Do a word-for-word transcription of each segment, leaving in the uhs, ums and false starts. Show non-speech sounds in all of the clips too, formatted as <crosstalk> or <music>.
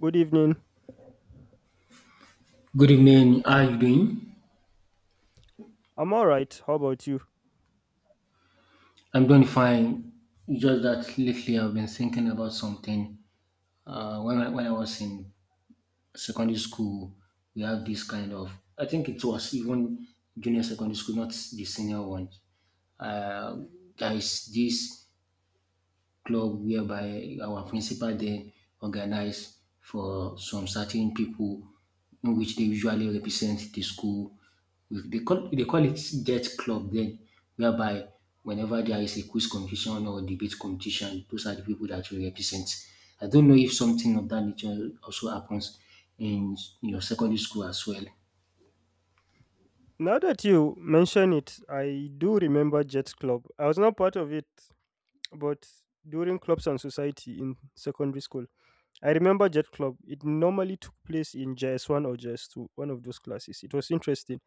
Good evening. Good evening. How are you doing? I'm all right. How about you? I'm doing fine. It's just that lately I've been thinking about something. Uh, when I, when I was in secondary school, we have this kind of. I think it was even junior secondary school, not the senior one. Uh, there is this club whereby our principal dem organize for some certain pipu in which dey usually represent the school. Dey call dey call it deaf club den, whereby whenever there is a quiz competition or debate competition, those are the pipu dat will represent. I don't know if something of dat nature also happens in your secondary school as well. Now that you mention it, I do remember Jets Club. I was not part of it, but during clubs and society in secondary school, I remember Jet Club. It normally took place in J S one or J S two, one of those classes. It was interesting.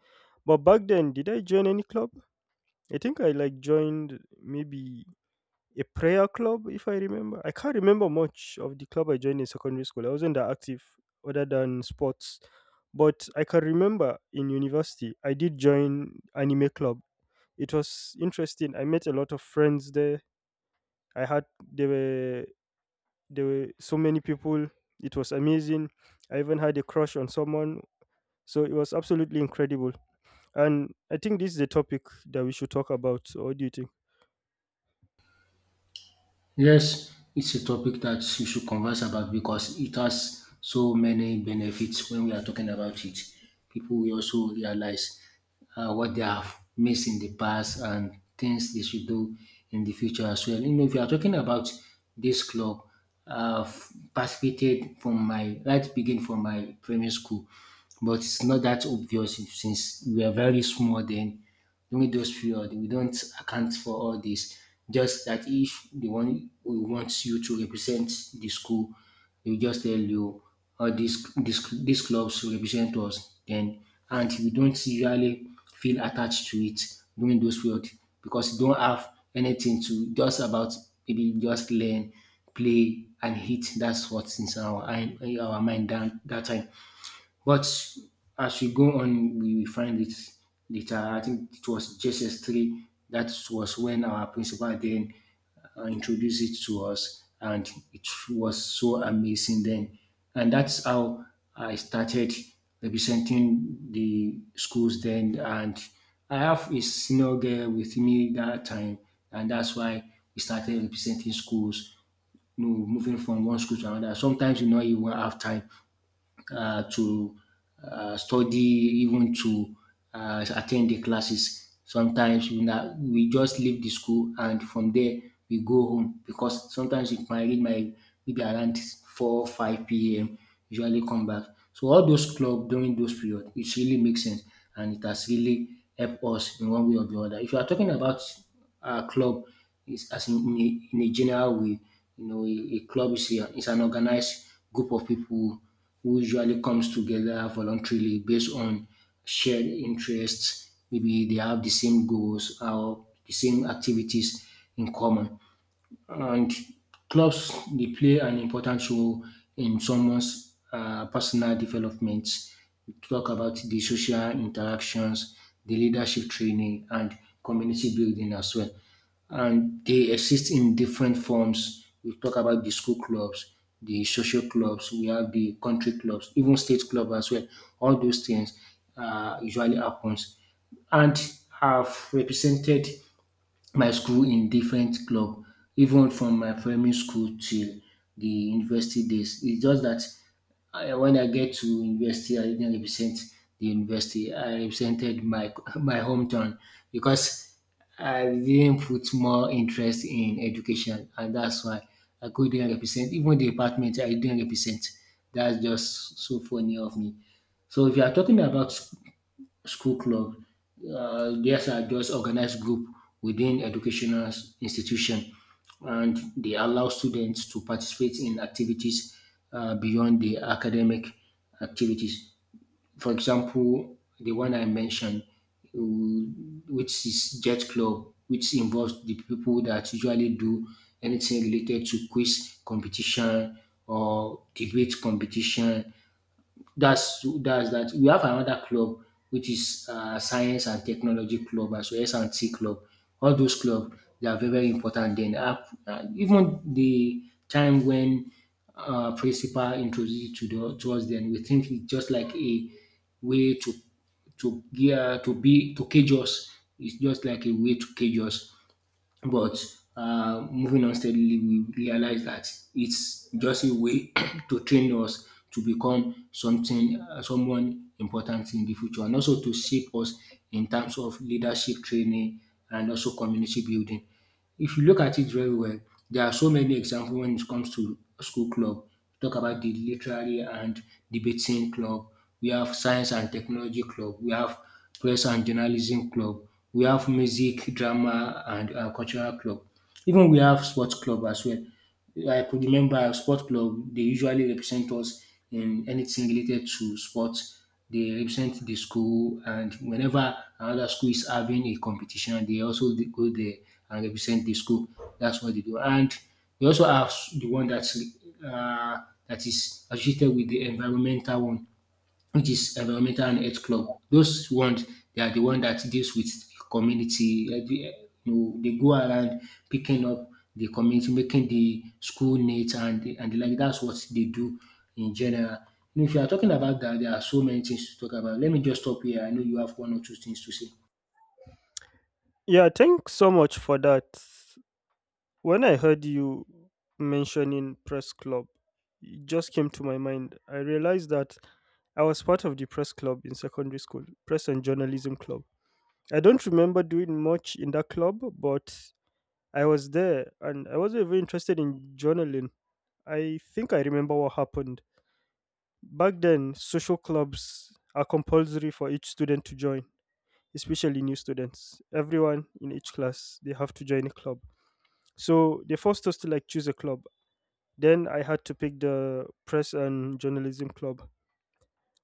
But back then, did I join any club? I think I like joined maybe a prayer club, if I remember. I can't remember much of the club I joined in secondary school. I wasn't that active other than sports. But I can remember in university, I did join anime club. It was interesting. I met a lot of friends there. I had there were there were so many people. It was amazing. I even had a crush on someone. So it was absolutely incredible. And I think this is a topic that we should talk about. So what do you think? Yes, it's a topic that you should converse about because it has so many benefits when we are talking about it. People will also realize uh, what they have missed in the past and things they should do in the future as well. You know, if you are talking about this club, I've participated from my right begin from my primary school, but it's not that obvious since we are very small then. During those period we don't account for all this. Just that if the one who wants you to represent the school, they just tell you, "Oh, this this this clubs represent us." Then and we don't usually feel attached to it during those period, because you don't have anything to just about maybe just learn, play and hit. That's what's in our in our mind that that time. But as we go on, we will find it later. I think it was J S S three. That was when our principal then uh, introduced it to us, and it was so amazing then. And that's how I started representing the schools then. And I have a senior girl with me that time, and that's why we started representing schools. You know, moving from one school to another. Sometimes you know you won't have time uh, to uh, study, even to uh, at the classes. Sometimes we, na, we just leave the school, and from there we go home, because sometimes it might reach my maybe around four five p m usually come back. So all those club during those period, it really makes sense, and it has really helped us in one way or the other. If you are talking about uh, club, is as in, in, a, in a general way, you know, a, a club is, a, is an organized group of people who usually comes together voluntarily based on shared interests. Maybe they have the same goals or the same activities in common. And clubs, they play an important role in someone's um personal development. We talk about the social interactions, the leadership training and community building as well. And they exist in different forms. We talk about the school clubs, the social clubs, we have the country clubs, even state clubs as well. All those things um usually happens. And have represented my school in different club, even from my primary school till the university days. It's just that I, when I get to university, I didn't represent the university. I represented my <laughs> my hometown because I didn't put more interest in education, and that's why I couldn't represent. Even the department I didn't represent. That's just so funny of me. So if you are talking about school club, Uh, these are just organized group within educational s- institution, and they allow students to participate in activities uh, beyond the academic activities. For example, the one I mentioned, uh, which is Jet Club, which involves the people that usually do anything related to quiz competition or debate competition, that's that's that. We have another club which is uh, science and technology club as well, S and T club. All those club, they are very very important. Then up- uh, even the time when uh, principal introduced it to, the, to us, then we think it's just like a way to to yeah, to be to cage us. It's just like a way to cage us. But uh, moving on steadily, we realize that it's just a way <clears throat> to train us to become something, uh, someone important in the future, and also to shape us in terms of leadership training and also community building. If you look at it very well, there are so many examples when it comes to school club. Talk about the literary and debating club. We have science and technology club. We have press and journalism club. We have music, drama, and uh, cultural club. Even we have sports club as well. I could remember a sport club, they usually represent us in anything related to sports. They represent the school, and whenever another school is having a competition, they also dey go there and represent the school. That's what they do. And we also have the one that's uh, that is associated with the environmental one, which is environmental and health club. Those ones, they are the one that deals with the community. Eh, the, eh, You know, they go around picking up the community, making the school neat, and the, and the like. That's what they do in general. Now, if you are talking about that, there are so many things to talk about. Let me just stop here. I know you have one or two things to say. Yeah, thanks so much for that. When I heard you mentioning press club, it just came to my mind. I realized that I was part of the press club in secondary school, press and journalism club. I don't remember doing much in that club, but I was there and I wasn't even interested in journaling. I think I remember what happened. Back then, social clubs are compulsory for each student to join, especially new students. Everyone in each class, they have to join a club. So they forced us to like choose a club. Then I had to pick the press and journalism club.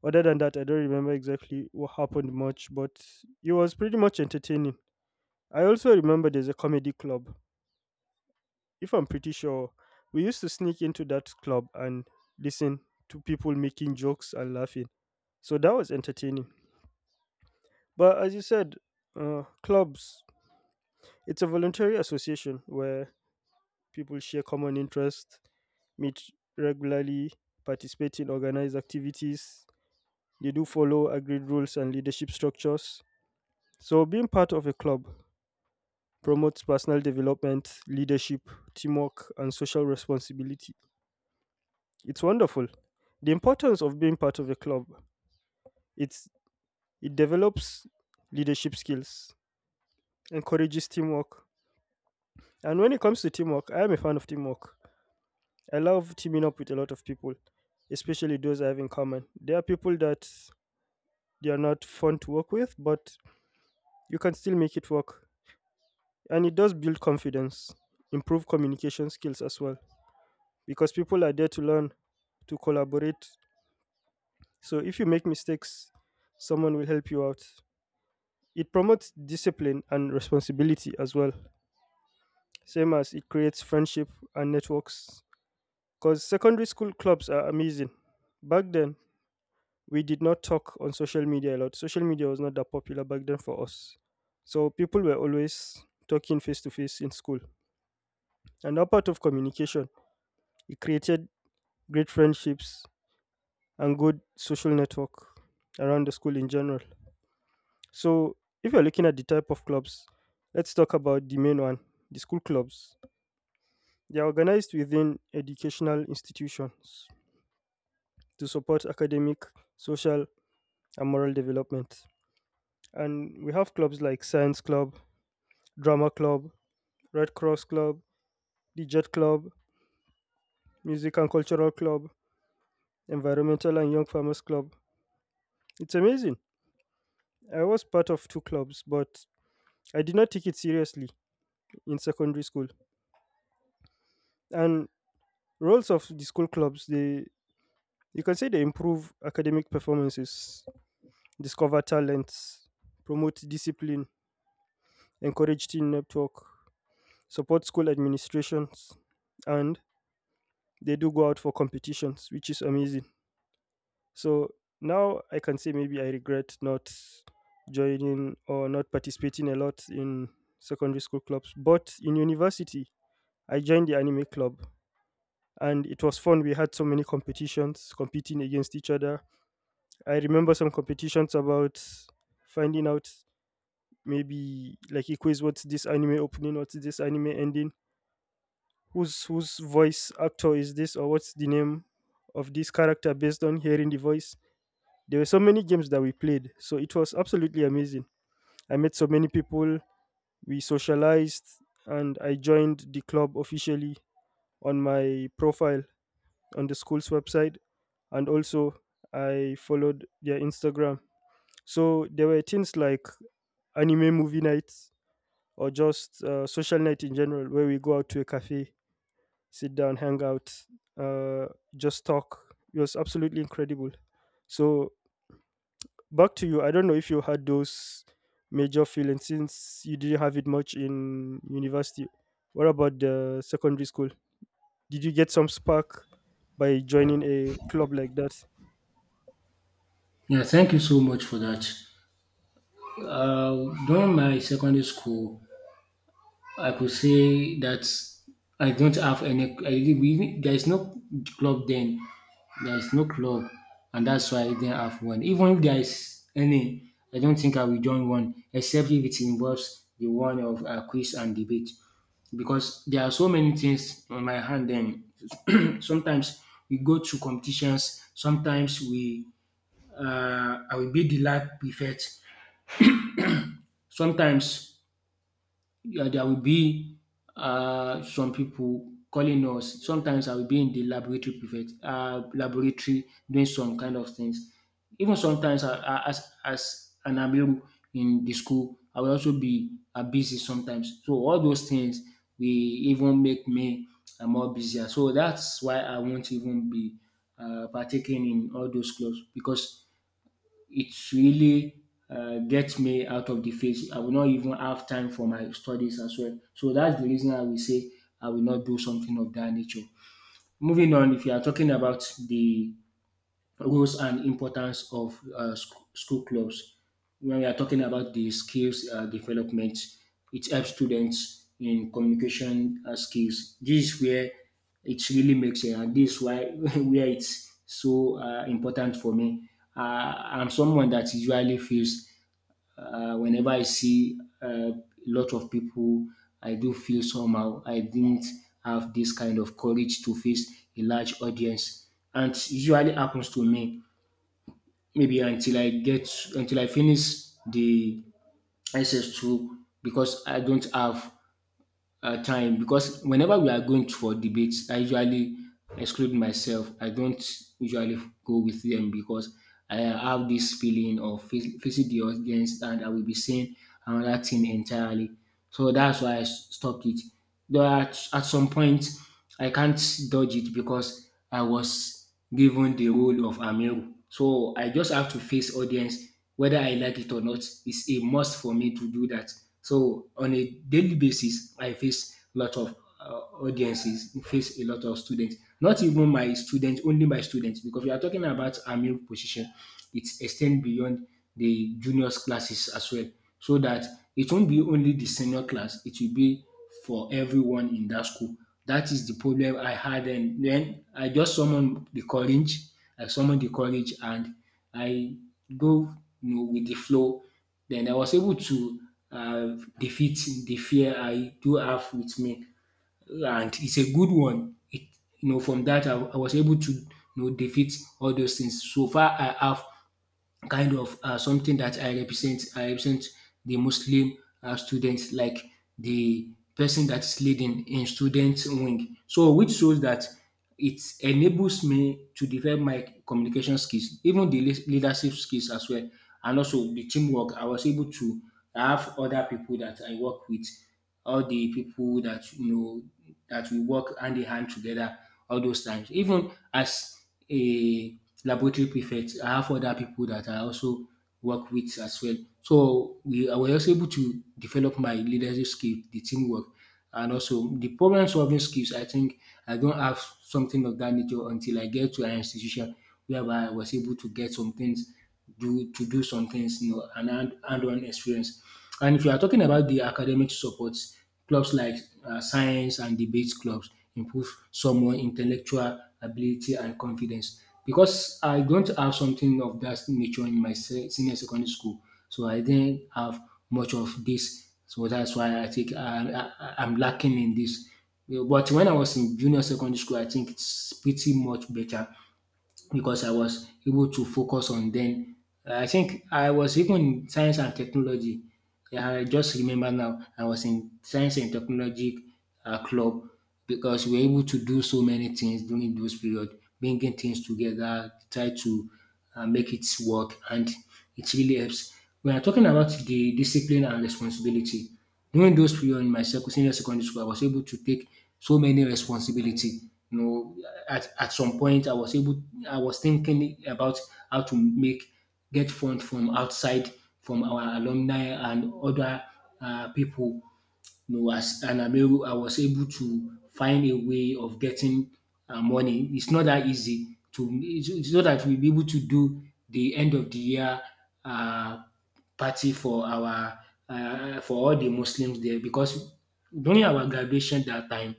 Other than that, I don't remember exactly what happened much, but it was pretty much entertaining. I also remember there's a comedy club. If I'm pretty sure, we used to sneak into that club and listen to people making jokes and laughing. So that was entertaining. But as you said, uh, clubs, it's a voluntary association where people share common interests, meet regularly, participate in organized activities. They do follow agreed rules and leadership structures. So, being part of a club promotes personal development, leadership, teamwork, and social responsibility. It's wonderful. The importance of being part of a club, it's it develops leadership skills, encourages teamwork. And when it comes to teamwork, I am a fan of teamwork. I love teaming up with a lot of people, especially those I have in common. There are people that they are not fun to work with, but you can still make it work. And it does build confidence, improve communication skills as well, because people are there to learn, to collaborate. So if you make mistakes, someone will help you out. It promotes discipline and responsibility as well, same as it creates friendship and networks. Because secondary school clubs are amazing. Back then, we did not talk on social media a lot. Social media was not that popular back then for us. So people were always talking face to face in school. And that part of communication, it created great friendships and good social network around the school in general. So if you're looking at the type of clubs, let's talk about the main one, the school clubs. They are organized within educational institutions to support academic, social, and moral development. And we have clubs like Science Club, Drama Club, Red Cross Club, the Jet Club, Music and Cultural Club, Environmental and Young Farmers Club. It's amazing. I was part of two clubs, but I did not take it seriously in secondary school. And roles of the school clubs, they, you can say they improve academic performances, discover talents, promote discipline, encourage team network, support school administrations, and they do go out for competitions, which is amazing. So now I can say maybe I regret not joining or not participating a lot in secondary school clubs. But in university, I joined the anime club and it was fun. We had so many competitions competing against each other. I remember some competitions about finding out maybe like a quiz, what's this anime opening, what's this anime ending, whose whose voice actor is this, or what's the name of this character based on hearing the voice. There were so many games that we played, so it was absolutely amazing. I met so many people, we socialized, and I joined the club officially on my profile on the school's website, and also I followed their Instagram. So there were things like anime movie nights or just uh, social night in general, where we go out to a cafe, sit down, hang out, uh, just talk. It was absolutely incredible. So back to you, I don't know if you had those major feelings, since you didn't have it much in university. What about the secondary school? Did you get some spark by joining a club like that? Yeah, thank you so much for that. Uh, during my secondary school, I could say that I don't have any. I, didn't- we, didn't- There is no club then. There is no club, and that's why I didn't have one. Even if there is any, I don't think I will join one, except if it involves the one of uh, quiz and debate, because there are so many things on my hand. Then <clears throat> sometimes we go to competitions. Sometimes we, uh, I will be the lab prefect. Sometimes yeah, there will be uh, some people calling us. Sometimes I will be in the laboratory private, uh, laboratory doing some kind of things. Even sometimes I, I, as as an amiru in the school, I will also be uh, busy sometimes. So all those things will even make me uh, more busier. So that's why I won't even be uh, partaking in all those clubs, because it's really uh, gets me out of the phase. I will not even have time for my studies as well. So that's the reason I will say I will not do something of that nature. Moving on, if you are talking about the roles and importance of uh, sc- school clubs. When we are talking about the skills uh, development, it helps students in communication uh, skills. This is where it really makes sense, and this is why <laughs> where it's so uh, important for me. Uh, I'm someone that usually feels uh, whenever I see uh, a lot of people, I do feel somehow I didn't have this kind of courage to face a large audience, and it usually happens to me maybe until I get until I finish the S S two, because I don't have uh, time. Because whenever we are going for debates, I usually exclude myself. I don't usually go with them, because I have this feeling of fac- facing the audience, and I will be saying another thing entirely. So that's why I s- stopped it. Though at, at some point, I can't dodge it because I was given the role of Amiru. So I just have to face audience, whether I like it or not. It's a must for me to do that. So on a daily basis, I face a lot of uh, audiences, face a lot of students. Not even my students, only my students, because we are talking about Amiru position. It extends beyond the juniors classes as well. So that it won't be only the senior class, it will be for everyone in that school. That is the problem I had, and then I just summoned the courage. I summoned the courage and I go you know, with the flow. Then I was able to uh, defeat the fear I do have with me. And it's a good one. It, you know, from that I, I was able to you know, defeat all those things. So far I have kind of uh, something that I represent. I represent the Muslim uh, students, like the person that's leading in student wing. So, which shows that it enables me to develop my communication skills, even the leas- leadership skills as well, and also the teamwork. I was able to have other people that I work with, all the people that you know that we work hand in hand together all those times. Even as a laboratory prefect. I have other people that I also work with as well. So we I was also able to develop my leadership skill, the teamwork, and also the problem solving skills. I think I don't have something of that nature until I get to an institution whereby I was able to get some things, do to do some things, you know, and hand- hand-on experience. And if you are talking about the academic supports, clubs like uh, science and debate clubs improve someone intellectual ability and confidence. Because I don't have something of that nature in my se- senior secondary school, so I didn't have much of this. So that's why I think I, I, I'm lacking in this. But when I was in junior secondary school, I think it's pretty much better because I was able to focus on them. I think I was even in science and technology. Yeah, I just remember now, I was in science and technology uh, club because we were able to do so many things during those period, bringing things together, try to uh, make it work, and it really helps. We are talking about the discipline and responsibility. During those period in my sec senior secondary school, I was able to take so many responsibility. You know, at, at some point I was able I was thinking about how to make get funds from outside, from our alumni and other uh, people, you know, as and I'm able, I was able to find a way of getting uh, money. It's not that easy to. It's, it's not that we'll be able to do the end of the year uh, party for our uh, for all the Muslims there, because during our graduation that time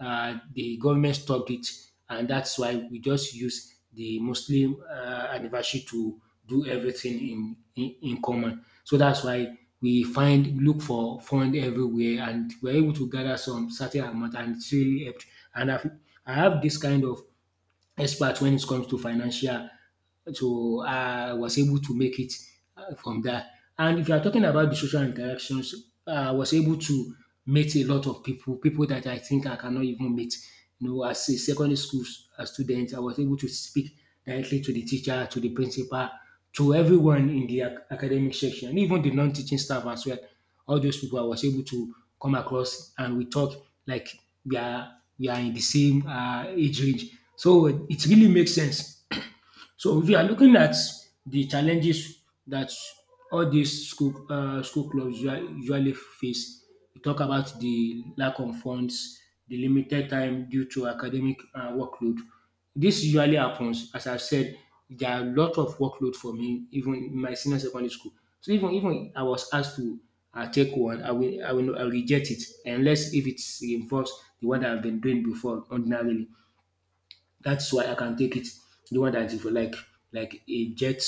uh, the government stopped it, and that's why we just use the Muslim uh, anniversary to do everything in, in in common. So that's why we find look for fund everywhere, and we're able to gather some certain amount, and it really helped. And I've, I have this kind of expert when it comes to financial. So, I was able to make it uh, from there. And if you are talking about the social interactions, I was able to meet a lot of people, people that I think I cannot even meet. You know, as a secondary school s- a student, I was able to speak directly to the teacher, to the principal, to everyone in the ac- academic section, even the non-teaching staff as well. All those people I was able to come across, and we talk like we are we are in the same uh, age range. So it really makes sense. So if you are looking at the challenges that all these school um school clubs usual usually face, we talk about the lack of funds, the limited time due to academic um workload. This usually happens. As I said, there are a lot of workload for me even in my senior secondary school. So even even I was asked to um take one, I will I will I will reject it unless if it involves the one that I've been doing before ordinarily. That's why I can take it. The one that is for like like a jet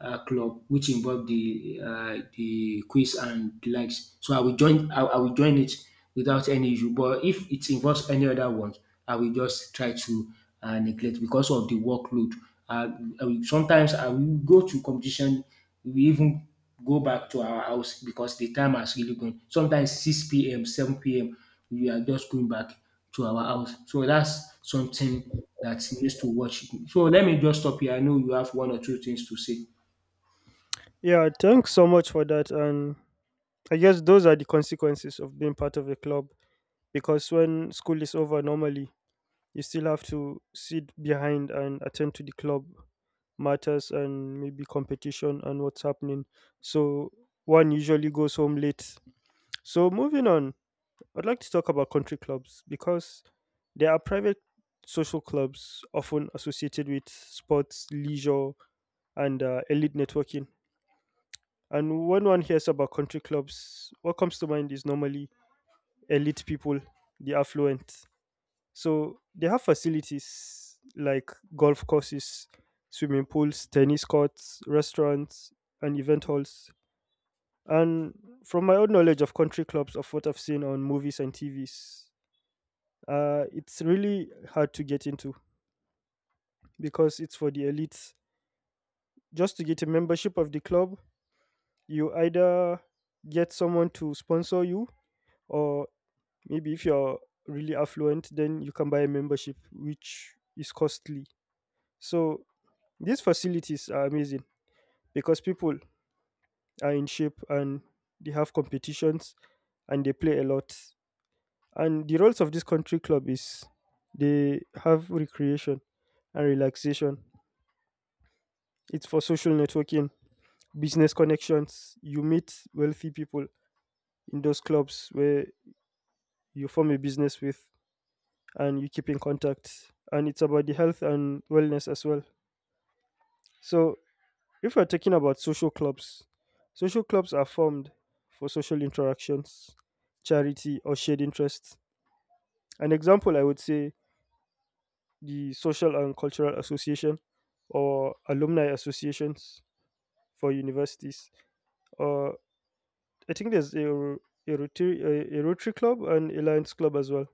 uh, club, which involve the uh, the quiz and the likes. So I will join. I, I will join it without any issue. But if it involves any other ones, I will just try to uh, neglect because of the workload. Uh, I will- Sometimes I will go to competition. We even go back to our house because the time has really gone. Sometimes six p m, seven p m, we are just going back to our house. So that's something that needs to watch. So let me just stop here. I know you have one or two things to say. Yeah, thanks so much for that. And I guess those are the consequences of being part of a club, because when school is over normally, you still have to sit behind and attend to the club matters and maybe competition and what's happening. So one usually goes home late. So, moving on, I'd like to talk about country clubs because they are private social clubs often associated with sports, leisure, and uh, elite networking. And when one hears about country clubs, what comes to mind is normally elite people, the affluent. So, they have facilities like golf courses, swimming pools, tennis courts, restaurants, and event halls. And from my own knowledge of country clubs, of what I've seen on movies and T Vs, uh, it's really hard to get into because it's for the elites. Just to get a membership of the club, you either get someone to sponsor you, or maybe if you're really affluent, then you can buy a membership, which is costly. So these facilities are amazing because people are in shape and they have competitions and they play a lot. And the roles of this country club is they have recreation and relaxation. It's for social networking, business connections. You meet wealthy people in those clubs where you form a business with, and you keep in contact. And it's about the health and wellness as well. So, if we're talking about social clubs, social clubs are formed for social interactions, charity, or shared interests. An example, I would say, the Social and Cultural Association, or alumni associations for universities, or I think there's a Ro- a Rotary, a, a Rotary Club and a Lions Club as well.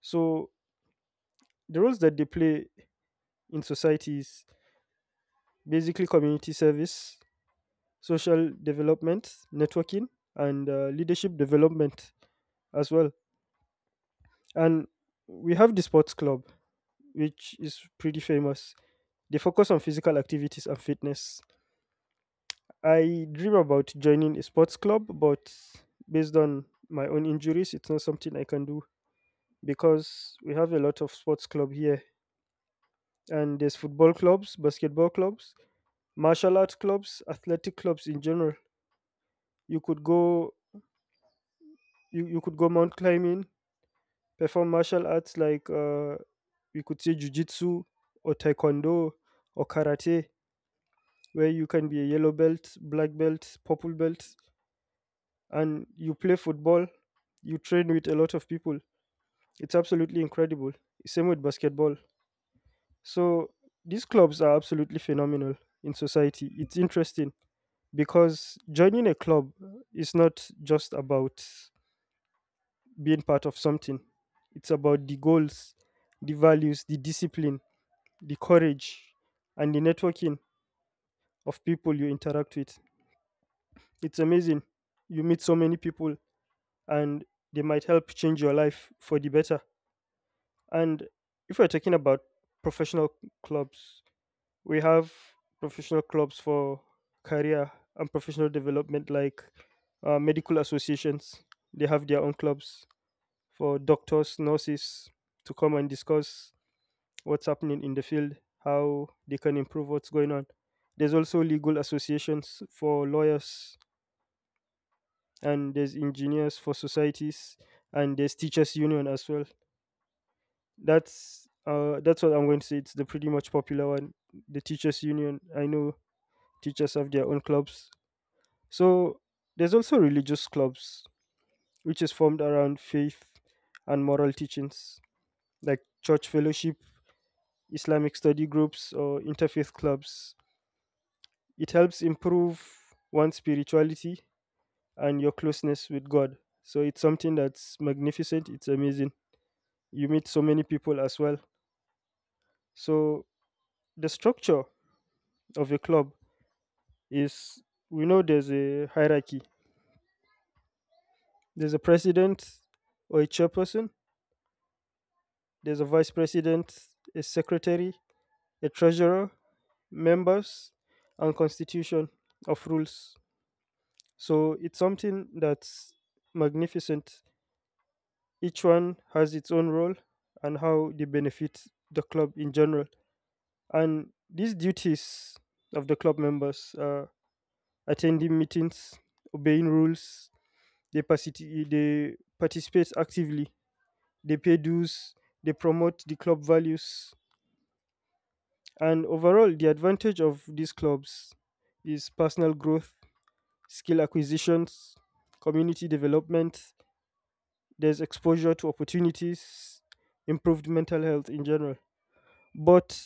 So the roles that they play in society is basically community service, social development, networking, and uh, leadership development as well. And we have the sports club, which is pretty famous. They focus on physical activities and fitness. I dream about joining a sports club, but based on my own injuries, it's not something I can do, because we have a lot of sports club here. And there's football clubs, basketball clubs, martial art clubs, athletic clubs in general. You could go, you, you could go mount climbing, perform martial arts like, uh we could say, jujitsu or taekwondo or karate, where you can be a yellow belt, black belt, purple belt. And you play football, you train with a lot of people. It's absolutely incredible, same with basketball. So these clubs are absolutely phenomenal in society. It's interesting because joining a club is not just about being part of something, it's about the goals, the values, the discipline, the courage, and the networking of people you interact with. It's amazing. You meet so many people, and they might help change your life for the better. And if we're talking about professional clubs, we have professional clubs for career and professional development, like uh, medical associations. They have their own clubs for doctors, nurses to come and discuss what's happening in the field, how they can improve what's going on. There's also legal associations for lawyers, and there's engineers for societies, and there's teachers union as well. That's uh, that's what I'm going to say. It's the pretty much popular one, the teachers union, I know. Teachers have their own clubs. So there's also religious clubs, which is formed around faith and moral teachings, like church fellowship, Islamic study groups, or interfaith clubs. It helps improve one's spirituality and your closeness with God. So it's something that's magnificent. It's amazing. You meet so many people as well. So the structure of a club is, we know there's a hierarchy. There's a president or a chairperson. There's a vice president, a secretary, a treasurer, members, and constitution of rules. So it's something that's magnificent. Each one has its own role and how they benefit the club in general. And these duties of the club members are attending meetings, obeying rules, they, participate. they participate actively, they pay dues, they promote the club values. And overall, the advantage of these clubs is personal growth, skill acquisitions, community development. There's exposure to opportunities, improved mental health in general. But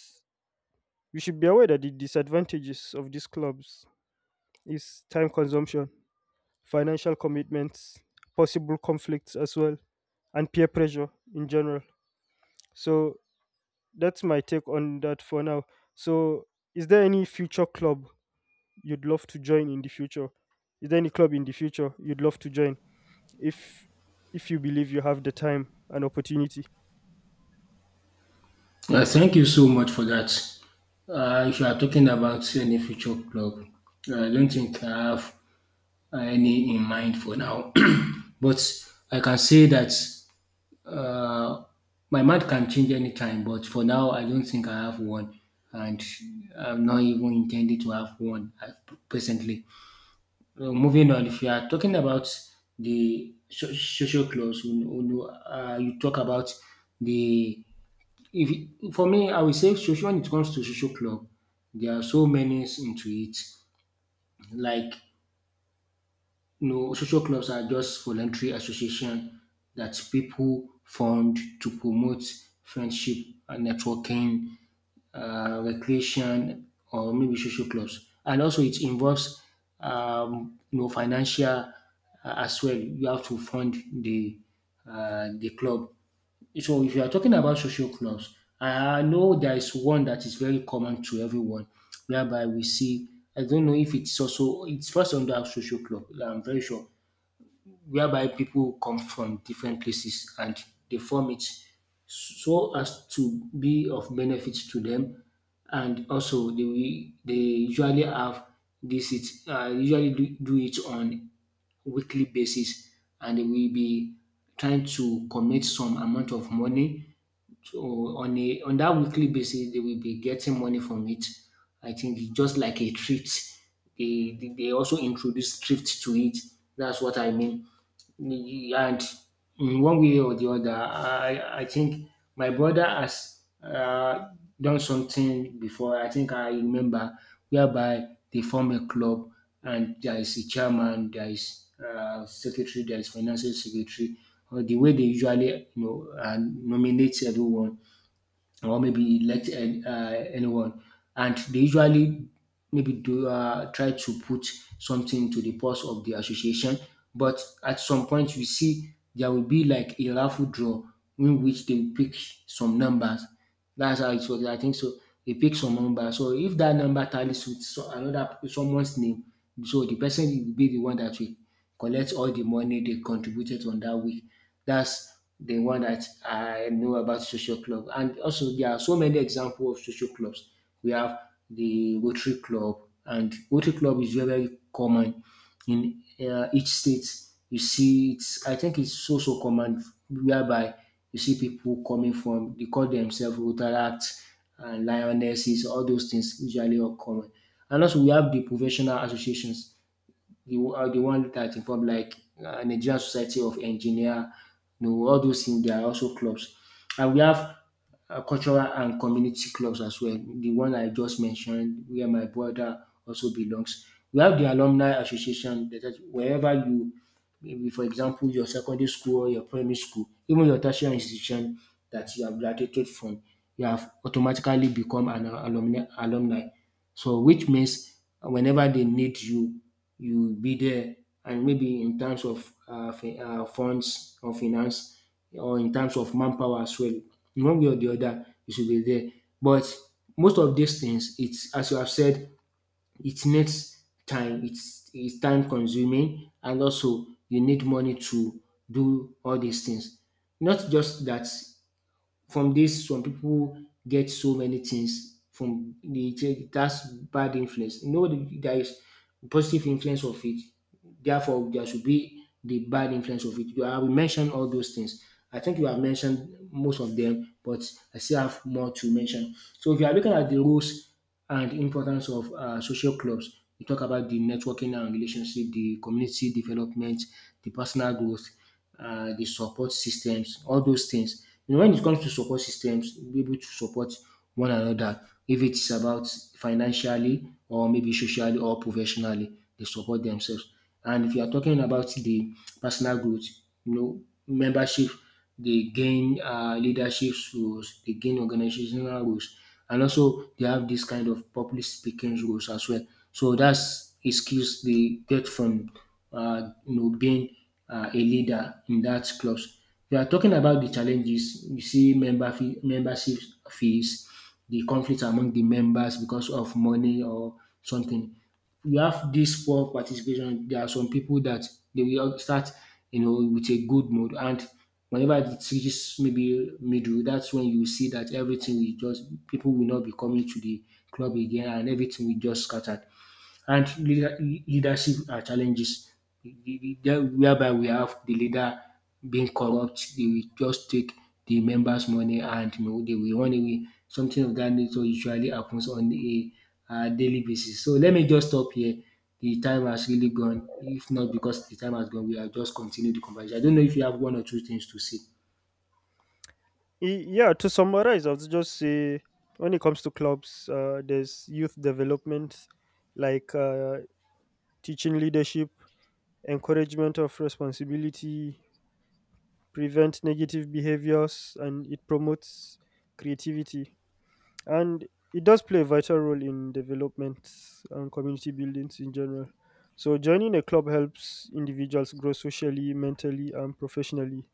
we should be aware that the disadvantages of these clubs is time consumption, financial commitments, possible conflicts as well, and peer pressure in general. So that's my take on that for now. So is there any future club you'd love to join in the future? Is there any club in the future you'd love to join, if if you believe you have the time and opportunity? Uh, thank you so much for that. Uh, if you are talking about any future club, I don't think I have any in mind for now. <clears throat> But I can say that Uh, my mind can change anytime, but for now, I don't think I have one, and I'm not even intending to have one at presently. Uh, moving on, if you are talking about the so- social clause, you know, you know, uh, you talk about the if you- for me, I will say social. When it comes to social club, there are so many into it, like No, social clubs are just voluntary association that people found to promote friendship and networking, uh, recreation, or maybe social clubs. And also, it involves um, you know, financial uh, as well. You have to fund the uh, the club. So if you are talking about social clubs, I I know there is one that is very common to everyone, whereby we see. I don't know if it's also it's first under social club. I'm very sure whereby people come from different places and they form it so as to be of benefit to them, and also they will- they usually have this it uh, usually do, do it on weekly basis, and they will be trying to commit some amount of money, so on a on that weekly basis, they will be getting money from it. I think it's just like a thrift. They they they also introduce thrift to it. That's what I mean. And in one way or the other, I I think my brother has uh, done something before. I think I remember whereby they form a club, and there is a chairman, there is uh, secretary, there is financial secretary. Or the way they usually, you know, uh, nominate everyone or maybe elect an- uh, anyone. And they usually maybe do uh, try to put something to the pulse of the association. But at some point, we see there will be like a raffle draw in which they will pick some numbers. That's how it works. I think so. They pick some number. So if that number tallies with so- another someone's name, so the person will be the one that will collect all the money they contributed on that week. That's the one that I know about social club. And also there are so many examples of social clubs. We have the Rotary Club, and Rotary Club is very, very common in uh, each state. You see, it's I think it's so so common whereby you see people coming from, they call themselves Rotaract and Lionesses, all those things usually are common. And also we have the professional associations, the, uh, the one that involve like uh, Nigerian Society of Engineer, you know, all those things, they are also clubs. And we have uh, cultural and community clubs as well. The one I just mentioned, where my brother also belongs. We have the alumni association, that is wherever you, maybe for example your secondary school or your primary school, even your tertiary institution that you have graduated from, you have automatically become an alumni alumni. So which means whenever they need you, you will be there. And maybe in terms of uh, fi- uh, funds or finance, or in terms of manpower as well, in one way or the other, you should be there. But most of these things, it's as you have said, it needs time. It's it's time consuming, and also you need money to do all these things. Not just that, from this, some people get so many things from the it- that's bad influence. You know, the- there is positive influence of it, therefore there should be the bad influence of it. I will mention all those things. I think you have mentioned most of them, but I still have more to mention. So if you are looking at the rules and importance of um social clubs, we talk about the networking and relationship, the community development, the personal growth, uh, the support systems, all those things. You know, when it comes to support systems, be able to support one another, if it's about financially or maybe socially or professionally, they support themselves. And if you are talking about the personal growth, you know, membership, they gain um leadership roles, they gain organizational roles, and also they have this kind of public speaking roles as well. So that's a skills they get from um you know being um a leader in that clubs. We are talking about the challenges. You see member fee membership fees, the conflict among the members because of money or something. You have this poor participation. There are some people that they will start, you know, with a good mood, and whenever it reaches maybe middle, that's when you see that everything will just people will not be coming to the club again, and everything will just scattered, and leader, leadership uh, challenges. Then whereby we have the leader being corrupt, they will just take the members money, and you know they will run away. Something of that nature usually happens on a uh, daily basis. So let me just stop here. The time has really gone. If not because the time has gone, we are just continue the conversation. I don't know if you have one or two things to say. Y- Yeah, to summarize, I'll just say when it comes to clubs, uh, there's youth development, like uh, teaching leadership, encouragement of responsibility, prevent negative behaviors, and it promotes creativity. And it does play a vital role in development and community buildings in general. So joining a club helps individuals grow socially, mentally, and professionally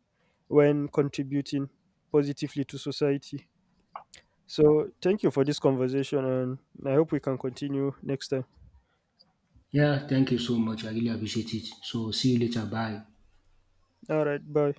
when contributing positively to society. So, thank you for this conversation, and I hope we can continue next time. Yeah, thank you so much. I really appreciate it. So see you later. Bye. All right, bye.